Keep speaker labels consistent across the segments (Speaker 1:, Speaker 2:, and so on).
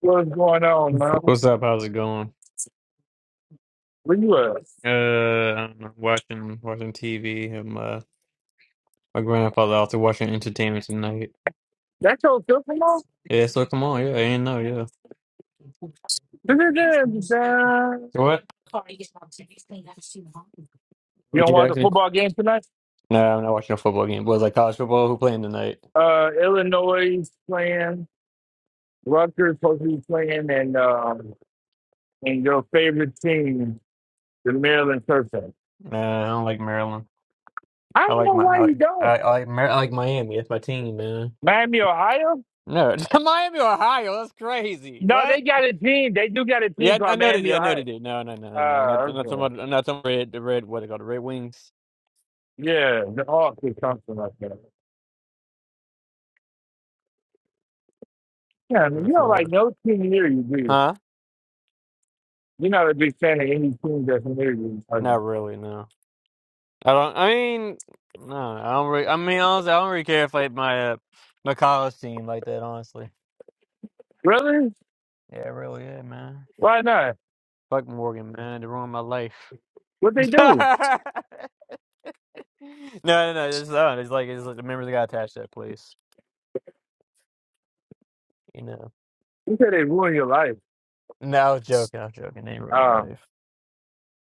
Speaker 1: What's going on, man?
Speaker 2: What's up? How's it going?
Speaker 1: Where you at?
Speaker 2: Uh, I'm watching watching TV. And my my grandfather also watching entertainment tonight.
Speaker 1: That your Kokomo?
Speaker 2: Yeah, so come on, yeah, I did know, yeah.
Speaker 1: You
Speaker 2: So What? Would
Speaker 1: don't
Speaker 2: you
Speaker 1: watch the
Speaker 2: actually?
Speaker 1: football game tonight?
Speaker 2: Nah, I'm not watching a football game. But it's like college football. Who playing tonight?
Speaker 1: Uh, Illinois is playing, Rutgers supposed to be playing, and um, and your favorite team, the Maryland Terps.
Speaker 2: Nah, I don't like Maryland.
Speaker 1: I
Speaker 2: I
Speaker 1: don't
Speaker 2: like
Speaker 1: know
Speaker 2: my I
Speaker 1: why you
Speaker 2: like I,
Speaker 1: don't.
Speaker 2: I like, Mar- I like Miami. That's my team, man.
Speaker 1: Miami, Ohio?
Speaker 2: No, Miami, Ohio. That's crazy.
Speaker 1: No, they
Speaker 2: What?
Speaker 1: got a team. They do got a team
Speaker 2: Yeah, I, I
Speaker 1: called
Speaker 2: know they
Speaker 1: Miami,
Speaker 2: did. I know they
Speaker 1: Ohio.
Speaker 2: did. No, no, no, no, no. I'm not,
Speaker 1: Uh,
Speaker 2: I'm not talking
Speaker 1: okay.
Speaker 2: about. I'm not talking about red. The red. What they call the Red Wings
Speaker 1: Yeah, the Hawks or something like that. Yeah, I mean,
Speaker 2: in
Speaker 1: you don't
Speaker 2: Florida?
Speaker 1: like no team near you, do you?
Speaker 2: Huh?
Speaker 1: You're not a big fan of any team that's near you. are you?
Speaker 2: Not really. No. I don't. I mean, no, I don't. Really, I mean, honestly, I don't really care if like my uh, my college team like that. Honestly,
Speaker 1: Really?
Speaker 2: yeah, it really, yeah, man.
Speaker 1: Why not?
Speaker 2: Fuck Morgan, man. They ruined my life.
Speaker 1: What they do?
Speaker 2: no, no, no. It's not. It's like it's like the members that got attached to that place. You know.
Speaker 1: You said they ruined your life.
Speaker 2: No, I was joking. I was joking. They ain't ruined my
Speaker 1: Uh,
Speaker 2: life.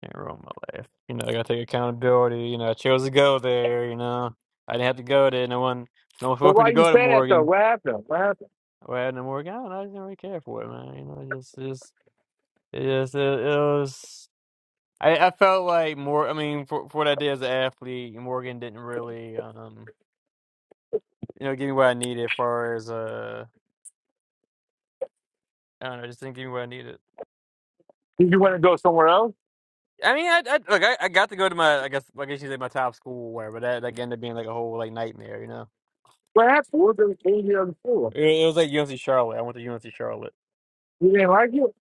Speaker 2: They ain't ruined my life. You know, I gotta take accountability. You know, I chose to go there. You know, I didn't have to go there. No one, no one
Speaker 1: so
Speaker 2: forced me
Speaker 1: why
Speaker 2: to
Speaker 1: you
Speaker 2: go to
Speaker 1: say that though?
Speaker 2: Morgan.
Speaker 1: What happened? What happened?
Speaker 2: Or I had no Morgan. I don't know. I didn't really care for it, man. You know, it's just, just. Yes, it, it was. I, I felt like more. I mean, for, for what I did as an athlete, Morgan didn't really, um, you know, give me what I needed. As far as uh, I don't know, just didn't give me what I needed.
Speaker 1: Did you want
Speaker 2: Goddamn.
Speaker 1: to go somewhere else?
Speaker 2: I mean, I, I look, I, I got to go to my, I guess, I guess you say my top school, or whatever. That that ended up being like a whole like nightmare, you know.
Speaker 1: What happened? What was the the other school?
Speaker 2: It, it was like UNC Charlotte. I went to UNC Charlotte.
Speaker 1: You didn't like it?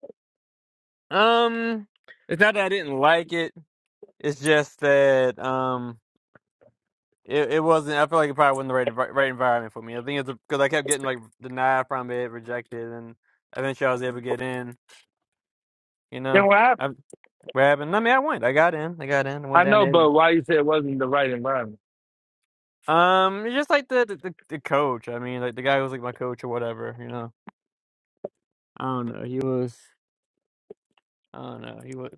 Speaker 2: Um, it's not that I didn't like it. It's just that um. It it wasn't. I feel like it probably wasn't the right envi- right environment for me. I think it's because I kept getting like denied from it, rejected, and eventually I was able to get in. You know,
Speaker 1: Then what happened?
Speaker 2: I what happened? I mean, I went. I got in. I got in. I went
Speaker 1: I
Speaker 2: down
Speaker 1: know,
Speaker 2: there.
Speaker 1: but why you say it wasn't the right environment?
Speaker 2: Um, it's just like the the, the the coach. I mean, like the guy who was like my coach or whatever. You know, I don't know. He was. I don't know. He was.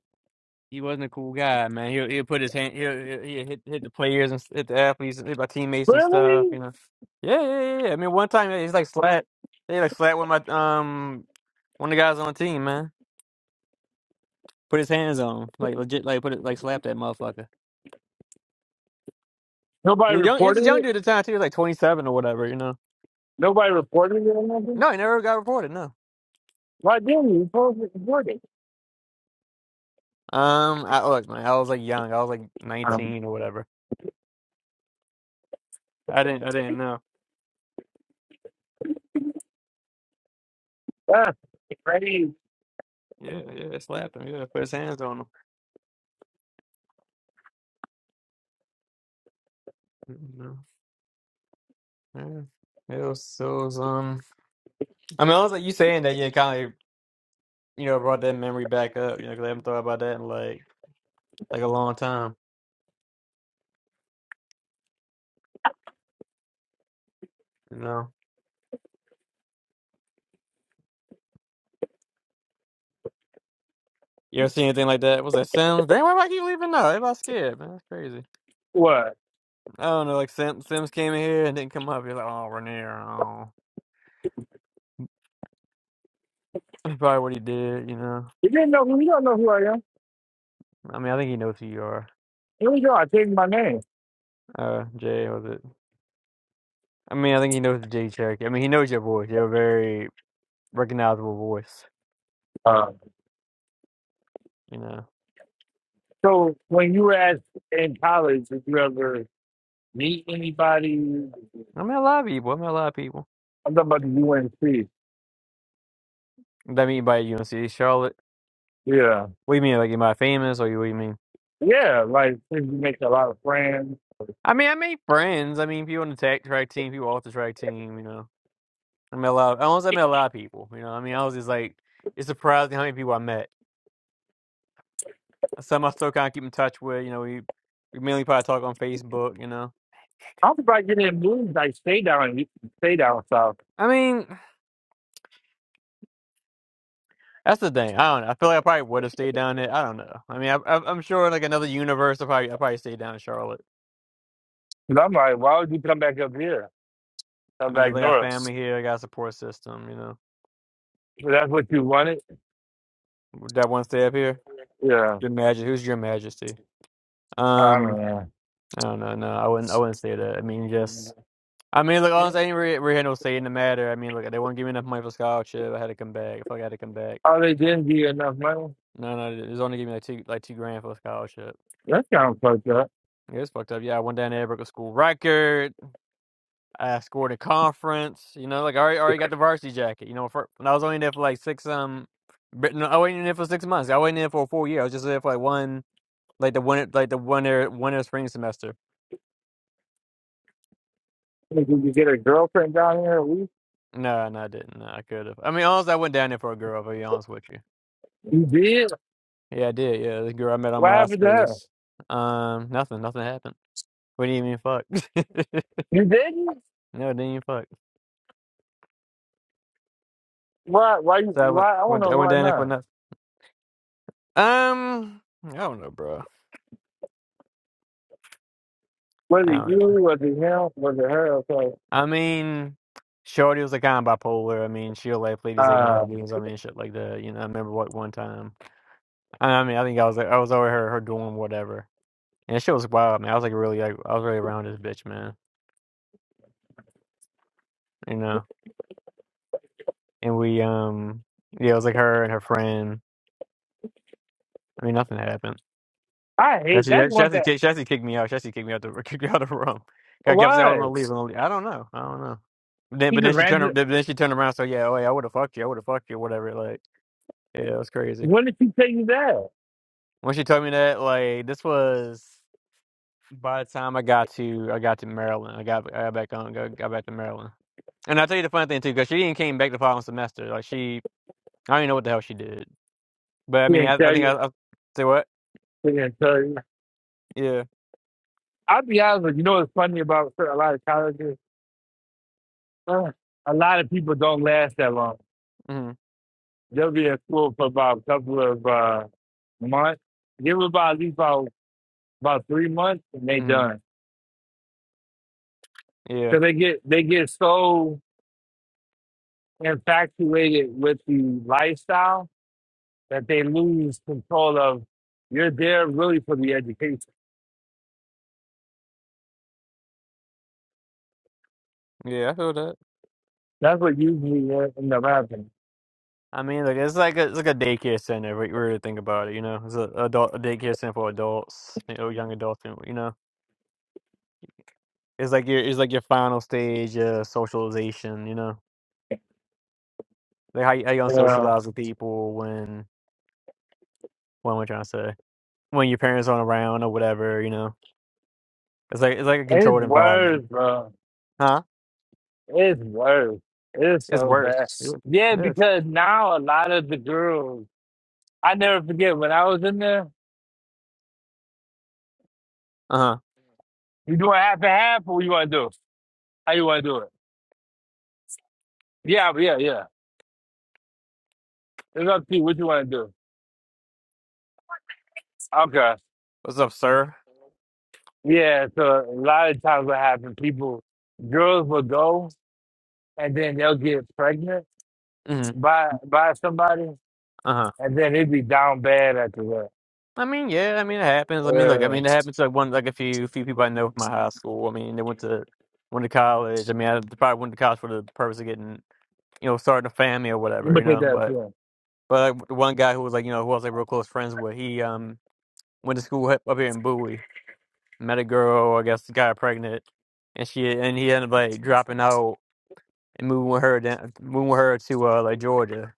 Speaker 2: He wasn't a cool guy, man. He'll he'll put his hand. He'll, he'll he'll hit hit the players and s- hit the athletes, hit my teammates and stuff.
Speaker 1: Really?
Speaker 2: You know. Yeah, yeah, yeah. yeah. I mean, one time yeah, he's like slat. They like slapped with my um One of the guys on the team, man, put his hands on him, like legit, like put it, like slap that motherfucker.
Speaker 1: Nobody
Speaker 2: He's young, he's a
Speaker 1: reported
Speaker 2: young
Speaker 1: it.
Speaker 2: dude at the time too, He was like twenty seven or whatever, you know.
Speaker 1: Nobody reported it or nothing.
Speaker 2: No, he never got reported. No.
Speaker 1: Why didn't you? You supposed to report it.
Speaker 2: Um, I look, man, I was like young, I was like
Speaker 1: Um,
Speaker 2: nineteen or whatever. I didn't, I didn't know.
Speaker 1: that's crazy.
Speaker 2: Yeah, yeah, slapped him. Yeah, put his hands on him. You know, Yeah, it was, it was, um. I mean, I was like you saying that, yeah, kind of, you know, brought that memory back up, you know, because I haven't thought about that in like, like a long time, you know. You ever see anything like that? Was that Sims? Damn, why do I keep leaving now? Everybody's scared, man. That's crazy.
Speaker 1: What?
Speaker 2: I don't know, like Sim, Sims came in here and didn't come up. He's like, oh, Renier, oh. That's probably what he did, you know?
Speaker 1: You didn't know who? You don't know who I am.
Speaker 2: I mean, I think he knows who you are.
Speaker 1: Here we go. I changed my name.
Speaker 2: Uh, Jay, was it? I mean, I think he knows Jay Cherokee. I mean, he knows your voice. You're a very recognizable voice,
Speaker 1: Uh,
Speaker 2: you know?
Speaker 1: So when you were at in college, did you ever meet anybody?
Speaker 2: I mean, a lot of people. I mean, a lot of people.
Speaker 1: I'm talking about the UNC.
Speaker 2: That mean by UNC Charlotte?
Speaker 1: Yeah.
Speaker 2: What do you mean? Like, am I famous or you- what do you mean?
Speaker 1: Yeah, like since you make a lot of friends.
Speaker 2: I mean, I made friends. I mean, people on the tech track team, people off the track team, you know? I met a lot. Of, almost I met a lot of people. You know, I mean, I was just like, it's surprising how many people I met. Some I still kind of keep in touch with. You know, we we mainly probably talk on Facebook. You know,
Speaker 1: I'm about getting in moves like stay down stay down south.
Speaker 2: I mean, that's the thing. I don't know. I feel like I probably would have stayed down there. I don't know. I mean, I, I, I'm sure in, like another universe, I probably I probably stayed down in Charlotte.
Speaker 1: And I'm like, why would you come back up here?
Speaker 2: I
Speaker 1: Come
Speaker 2: mean, 'cause
Speaker 1: back
Speaker 2: I got
Speaker 1: north.
Speaker 2: family here, I got a support system. You know,
Speaker 1: If that's what you wanted?
Speaker 2: Would that one stay up here.
Speaker 1: Yeah.
Speaker 2: Your Majesty, who's Your Majesty?
Speaker 1: I don't
Speaker 2: Um,
Speaker 1: know.
Speaker 2: I don't know. No, I wouldn't. I wouldn't stay there. I mean, just I mean, look, honestly, I ain't really, really had no say in the matter. I mean, look, they won't give me enough money for scholarship. I had to come back. I feel like I had to come back.
Speaker 1: Oh, they didn't give you enough money?
Speaker 2: No, no, it was only giving me like two, like two grand for a scholarship.
Speaker 1: That sounds fucked up.
Speaker 2: Yeah, it's fucked up. Yeah, I went down there, broke a school record. I scored a conference. You know, like I already, already got the varsity jacket. You know, for, and I was only there for like six um, but no, I wasn't there for six months. I wasn't there for a full year. I was just there for like one, like the winter, like the winter, winter spring semester.
Speaker 1: Did you get a girlfriend down here? We-
Speaker 2: No, no, I didn't. No, I could have. I mean, honestly, I went down there for a girl. I'll be honest with you.
Speaker 1: You did?
Speaker 2: Yeah, I did. Yeah, the girl I met on
Speaker 1: What happened to her?
Speaker 2: MySpace. Um, nothing, nothing happened. We didn't even fuck.
Speaker 1: You didn't?
Speaker 2: no, didn't even fuck.
Speaker 1: Why? Why? you?
Speaker 2: So I went,
Speaker 1: Why? I want to
Speaker 2: went,
Speaker 1: know
Speaker 2: I went
Speaker 1: Why
Speaker 2: down there for
Speaker 1: not?
Speaker 2: nothing. Um, I don't know, bro.
Speaker 1: Was
Speaker 2: I
Speaker 1: it
Speaker 2: don't
Speaker 1: you?
Speaker 2: know.
Speaker 1: Was it him? Was it her? So,
Speaker 2: I mean, Shorty was a kind of bipolar. I mean, she'll like play these like mind
Speaker 1: um,
Speaker 2: games. I mean, shit like that. You know, I remember what one time. I mean, I think I was like, I was over her, her doing whatever, and she was wild, man. I was like really, like, I was really around this bitch, man. You know, and we, um, yeah, it was like her and her friend. I mean, nothing happened.
Speaker 1: I hate.
Speaker 2: Jesse, yeah,
Speaker 1: That's one
Speaker 2: Jesse,
Speaker 1: thing.
Speaker 2: kicked- Jesse kicked me out. Jesse kicked me out the kicked me out of the room. I kept saying I was
Speaker 1: Why?
Speaker 2: gonna leave. I, was gonna leave. I don't know. I don't know. But then,
Speaker 1: He's
Speaker 2: but
Speaker 1: a
Speaker 2: then she turned. ar-
Speaker 1: random.
Speaker 2: Then she turned around. So yeah, oh, yeah, I would have fucked you. I would have fucked you. Whatever. Like yeah, it was crazy.
Speaker 1: When did she tell you that?
Speaker 2: When she told me that, like this was by the time I got to I got to Maryland. I got I got back on. Got, got back to Maryland. And I will tell you the funny thing too, because she didn't came back the following semester. Like she, I don't even know what the hell she did. But I
Speaker 1: She
Speaker 2: mean, I,
Speaker 1: didn't
Speaker 2: I
Speaker 1: tell
Speaker 2: think I,
Speaker 1: you.
Speaker 2: I say what?
Speaker 1: She didn't tell you.
Speaker 2: Yeah.
Speaker 1: I'll be honest with you. You know what's funny about a lot of colleges? Uh, a lot of people don't last that long.
Speaker 2: Mm-hmm.
Speaker 1: They'll be at school for about a couple of uh, months. Give them about at least about about three months, and they
Speaker 2: Mm-hmm.
Speaker 1: done.
Speaker 2: Yeah.
Speaker 1: Cause they get they get so infatuated with the lifestyle that they lose control of. You're there really for the education.
Speaker 2: Yeah. I feel that.
Speaker 1: That's what usually in in the rapping.
Speaker 2: I mean, like it's like a, it's like a daycare center. If you really think about it, you know, it's a adult a daycare center for adults, you know, young adults. and, You know, it's like your it's like your final stage of socialization. You know, like how you, how you gonna
Speaker 1: Yeah.
Speaker 2: socialize with people when what am I trying to say? When your parents aren't around or whatever. You know, it's like it's like a
Speaker 1: It's
Speaker 2: controlled environment,
Speaker 1: worse, bro.
Speaker 2: huh?
Speaker 1: It's worse. It's
Speaker 2: It's
Speaker 1: so
Speaker 2: worse.
Speaker 1: bad.
Speaker 2: It
Speaker 1: Yeah,
Speaker 2: is.
Speaker 1: because now a lot of the girls, I never forget when I was in there,
Speaker 2: Uh huh.
Speaker 1: you doing half and half or what you want to do? How you want to do it? Yeah, yeah, yeah. It's up to you what you want to do. Okay.
Speaker 2: What's up, sir?
Speaker 1: Yeah, so a lot of times what happened, people, girls will go and then they'll get pregnant
Speaker 2: Mm-hmm.
Speaker 1: by by somebody,
Speaker 2: Uh huh.
Speaker 1: and then it'd be down bad after that.
Speaker 2: I mean, yeah, I mean it happens. I mean, look, I
Speaker 1: Uh,
Speaker 2: mean it happens to like one like a
Speaker 1: I'm
Speaker 2: few few people I know from my high school. I mean, they went to went to college. I mean, I probably went to college for the purpose of getting you know starting a family or whatever,
Speaker 1: gonna
Speaker 2: you
Speaker 1: take
Speaker 2: know.
Speaker 1: that
Speaker 2: But
Speaker 1: to him.
Speaker 2: but like, the one guy who was like you know who I was like real close friends with, he um went to school up up here in Bowie, met a girl, I guess got pregnant, and she and he ended up like dropping out and moving with her down, moving with her to uh like Georgia.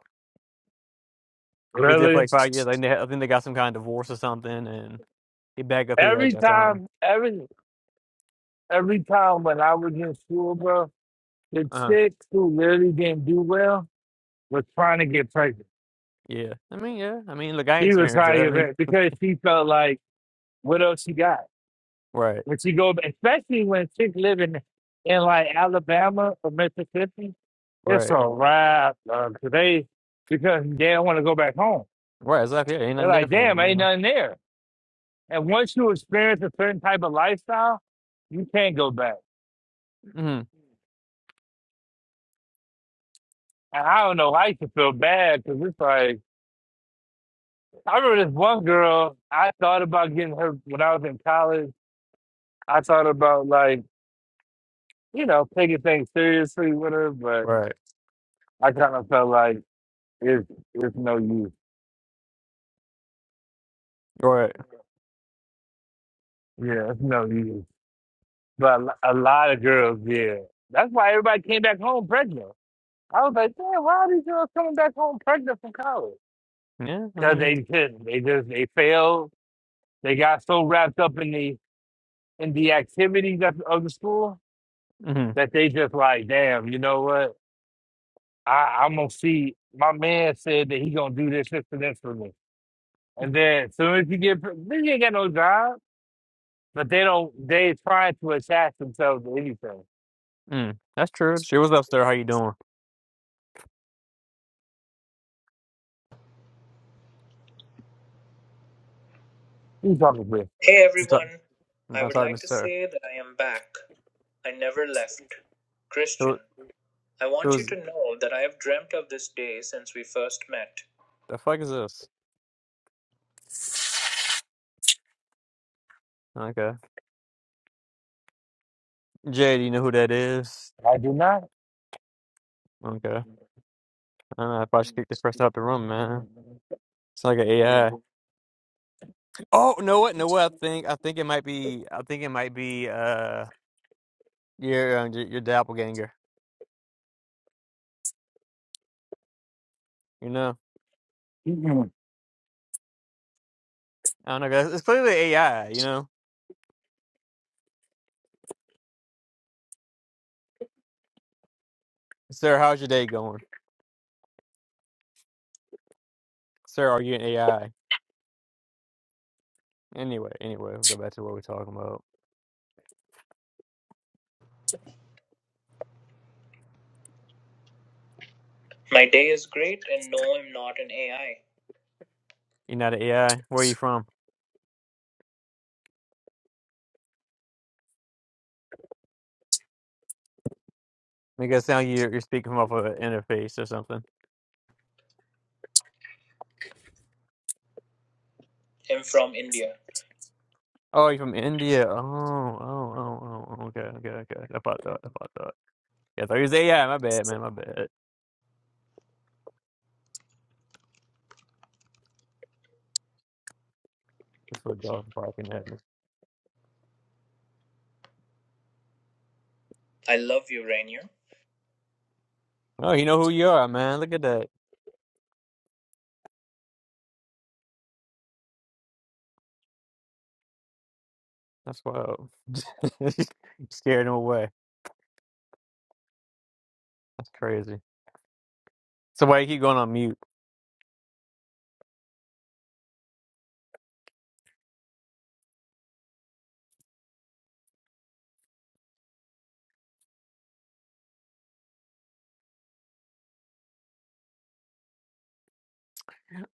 Speaker 2: He was there for
Speaker 1: Really?
Speaker 2: like five years. Like they, I think they got some kind of divorce or something, and he back up here. I
Speaker 1: Every
Speaker 2: guess I don't.
Speaker 1: time, every every time when I was in school, bro, the
Speaker 2: know.
Speaker 1: chick who really didn't do well was trying to get pregnant.
Speaker 2: Yeah, I mean, yeah, I mean, look, I
Speaker 1: She was
Speaker 2: experienced
Speaker 1: trying
Speaker 2: that.
Speaker 1: to
Speaker 2: I
Speaker 1: get
Speaker 2: mean,
Speaker 1: pregnant because she felt like, what else she got?
Speaker 2: right,
Speaker 1: When she go, especially when chicks living in in like Alabama or Mississippi, It's
Speaker 2: right,
Speaker 1: a wrap uh, today because they don't want to go back home.
Speaker 2: right. Exactly. Yeah, ain't
Speaker 1: They're
Speaker 2: nothing there
Speaker 1: like,
Speaker 2: for
Speaker 1: damn,
Speaker 2: them, you
Speaker 1: ain't
Speaker 2: know.
Speaker 1: nothing there. And once you experience a certain type of lifestyle, you can't go back.
Speaker 2: Mm-hmm.
Speaker 1: And I don't know, I used to feel bad because it's like, I remember this one girl, I thought about getting her when I was in college. I thought about like, you know, taking things seriously with her, but
Speaker 2: Right,
Speaker 1: I kind of felt like it's, it's no use.
Speaker 2: right.
Speaker 1: Yeah, it's no use. But a lo- a lot of girls, yeah. That's why everybody came back home pregnant. I was like, damn, why are these girls coming back home pregnant from college?
Speaker 2: Yeah, I
Speaker 1: Because
Speaker 2: mean,
Speaker 1: they couldn't. They just they failed. They got so wrapped up in the in the activities of, of the school
Speaker 2: mm-hmm.
Speaker 1: that they just like, damn, you know what? I, I'm gonna see. My man said that he gonna do this, this, and this for me. And then as soon as you get, pre- then you ain't got no job. But they don't. They trying to attach themselves to anything.
Speaker 2: mm. That's true. She was up, sir. How you doing?
Speaker 1: You talking with?
Speaker 3: Hey
Speaker 2: What's up?
Speaker 3: everyone, I
Speaker 2: No,
Speaker 3: would
Speaker 2: sorry,
Speaker 3: like
Speaker 2: Mister.
Speaker 3: to
Speaker 2: Sir.
Speaker 3: say that I am back. I never left. Christian,
Speaker 2: Who,
Speaker 3: I want you
Speaker 2: who's
Speaker 3: to know that I have dreamt of this day since we first met.
Speaker 2: the fuck is this? Okay, Jay. Do you know who that is?
Speaker 1: I do not.
Speaker 2: Okay, I don't know. I probably should kick the person out the room, man. It's like an AI. Oh, know what? Know what? I think I think it might be. I think it might be. Uh, your uh, your your doppelganger. You know. I don't know, guys. It's clearly AI, you know? Sir, how's your day going? Sir, are you an AI? Anyway, anyway, we'll go back to what we're talking about.
Speaker 3: My day is great, and no, I'm not an AI.
Speaker 2: You're not an AI? Where are you from? Make it sound you're, you're speaking from off of an interface or something.
Speaker 3: I'm from India.
Speaker 2: Oh, you're from India. Oh, oh, oh, oh, okay, okay, okay. okay. I thought that, I thought that. Yeah, I thought he was AI. My bad, man, my bad. That's what dog barking at me.
Speaker 3: I love you, Rainier.
Speaker 2: Oh, you know who you are, man. Look at that. That's wild. You Scared him away. That's crazy. So why you keep going on mute?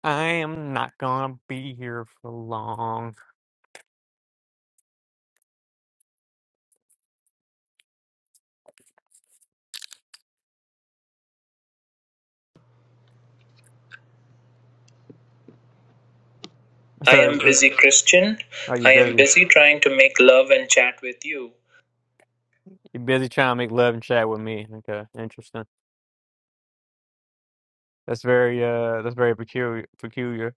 Speaker 2: I am not gonna be here for long.
Speaker 3: I
Speaker 2: So,
Speaker 3: am
Speaker 2: it- it-
Speaker 3: busy, Christian.
Speaker 2: are you
Speaker 3: I am
Speaker 2: busy?
Speaker 3: busy trying to make love and chat with you.
Speaker 2: You busy trying to make love and chat with me? Okay, interesting. That's very uh, that's very peculiar. Peculiar.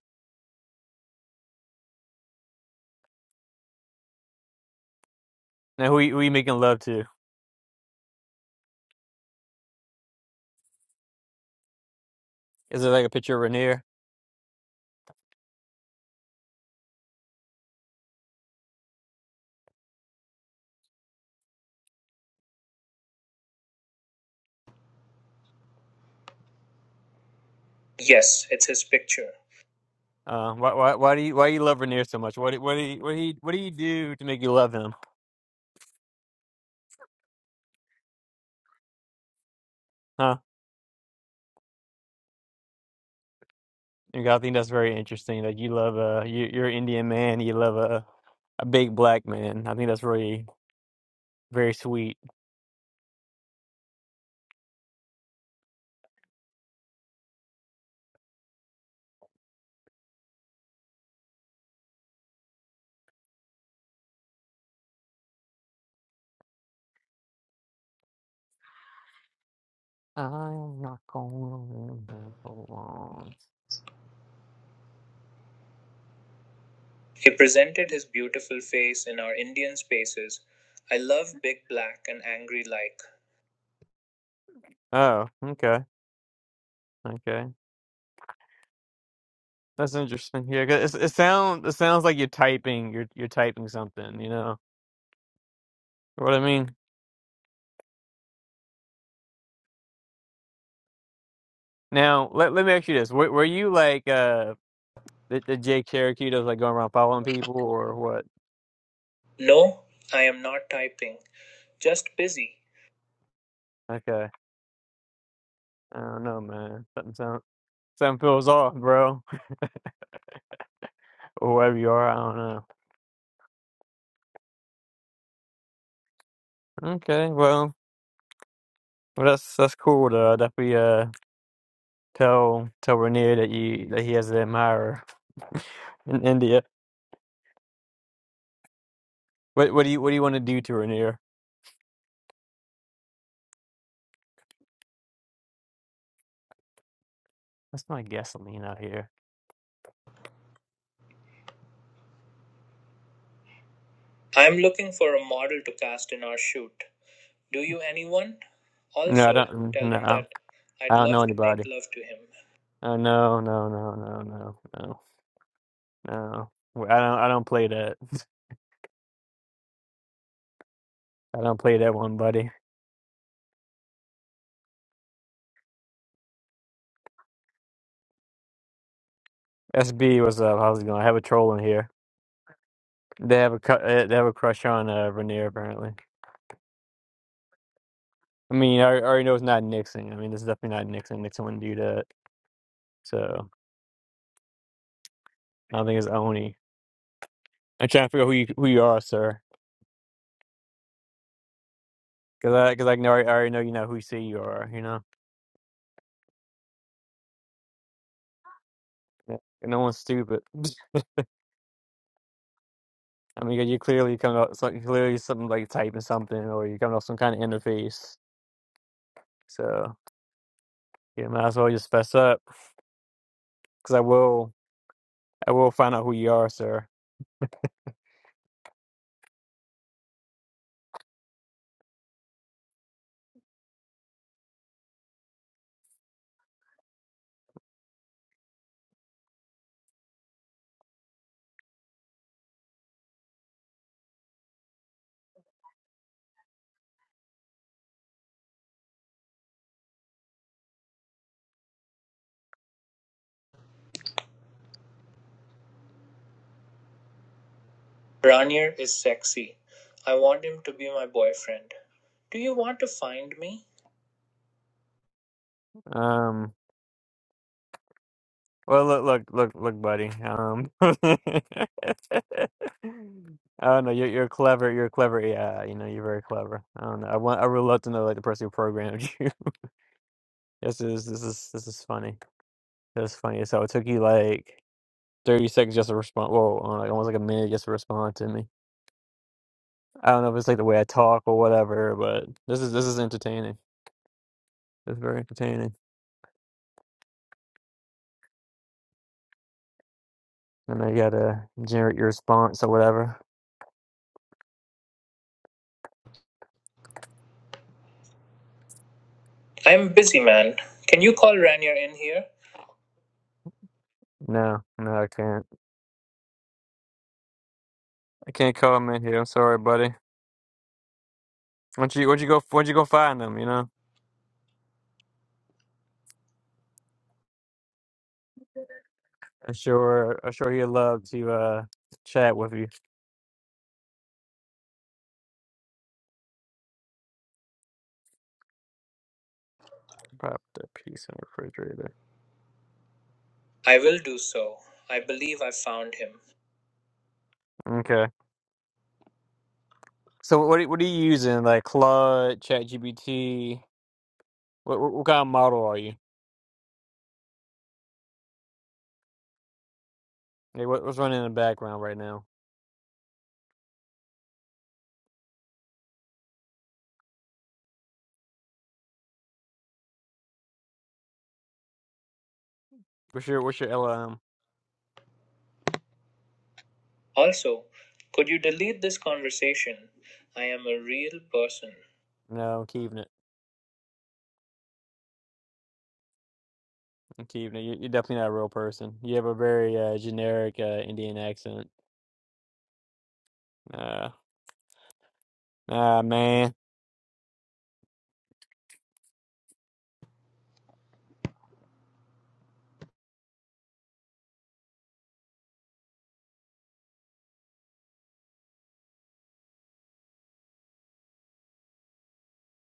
Speaker 2: Now, who you, who you making love to? Is it like a picture of Rainier?
Speaker 3: Yes, it's his picture.
Speaker 2: Uh, why why why do you why you love Rainier so much? What do- what do you, what do you, what do you do to make you love him? Huh? You know, I think that's very interesting. Like you love uh, you you're an Indian man. You love a a big black man. I think that's really very sweet. I'm not going to belong.
Speaker 3: He presented his beautiful face in our Indian spaces. I love big black and angry like.
Speaker 2: Oh, okay, okay. That's interesting. Yeah, 'cause it, it sounds it sounds like you're typing. You're you're typing something. You know what I mean? Now, let let me ask you this: Were, were you like uh the, the Jake Cherokee that was like going around following people, or what?
Speaker 3: No, I am not typing. "Just busy.
Speaker 2: Okay, I don't know, man. Something sound something feels off, bro. or wherever you are. I don't know. Okay, well, well, that's that's cool. Though. That we uh tell tell Rainier that you that he has an admirer in India. What what do you what do you want to do to Rainier? That's my gasoline out here.
Speaker 3: I'm looking for a model to cast in our shoot. Do you anyone?
Speaker 2: No, I
Speaker 3: Also,
Speaker 2: don't.
Speaker 3: tell him
Speaker 2: No,
Speaker 3: that I'd
Speaker 2: I don't know
Speaker 3: love to make
Speaker 2: anybody.
Speaker 3: love to him.
Speaker 2: Oh no, no, no, no, no, no, no. Well, I don't I don't play that. I don't play that one, buddy. SB, what's up? How's it going? I have a troll in here. They have a cu- uh, they have a crush on uh, Rainier apparently. I mean, I, I already know it's not Nixon. I mean, this is definitely not Nixon. Nixon wouldn't do that. So I don't think it's Oni. I'm trying to figure out who you who you are, sir. Because I because I know I already know you know who you say you are. You know, Yeah. And no one's stupid. I mean, 'cause you clearly coming up something clearly something like typing something, or you are coming off some kind of interface. So yeah, might as well just fess up. Because I will I will find out who you are, sir.
Speaker 3: Ranier is sexy. I want him to be my boyfriend. Do you want to find me?
Speaker 2: Um. Well, look, look, look, look, buddy. Um, I don't know. You're you're clever. You're clever. Yeah, you know, you're very clever. I don't know. I want. I would love to know like the person who programmed you. This is this is this is funny. This is funny. So it took you like thirty seconds just to respond. Whoa, uh, like almost like a minute just to respond to me. I don't know if it's like the way I talk or whatever, but this is this is entertaining. It's very entertaining. And I gotta generate your response or whatever.
Speaker 3: I'm busy, man. Can you call Ranier in here?
Speaker 2: No, no, I can't. I can't comment here. I'm sorry, buddy. Once you once you go once you go find them, you know. I'm sure I'm sure he'd love to uh chat with you. Pop the piece in the refrigerator.
Speaker 3: I will do so. I believe I found him.
Speaker 2: Okay. So what are- what are you using? Like Claude, ChatGPT. What what, what kind of model are you? Like, what, what's running in the background right now? What's your what's your LLM?
Speaker 3: Also, could you delete this conversation? I am a real person.
Speaker 2: No, I'm keeping it. I'm keeping it. You, you're definitely not a real person. You have a very uh, generic uh, Indian accent. Uh, ah man.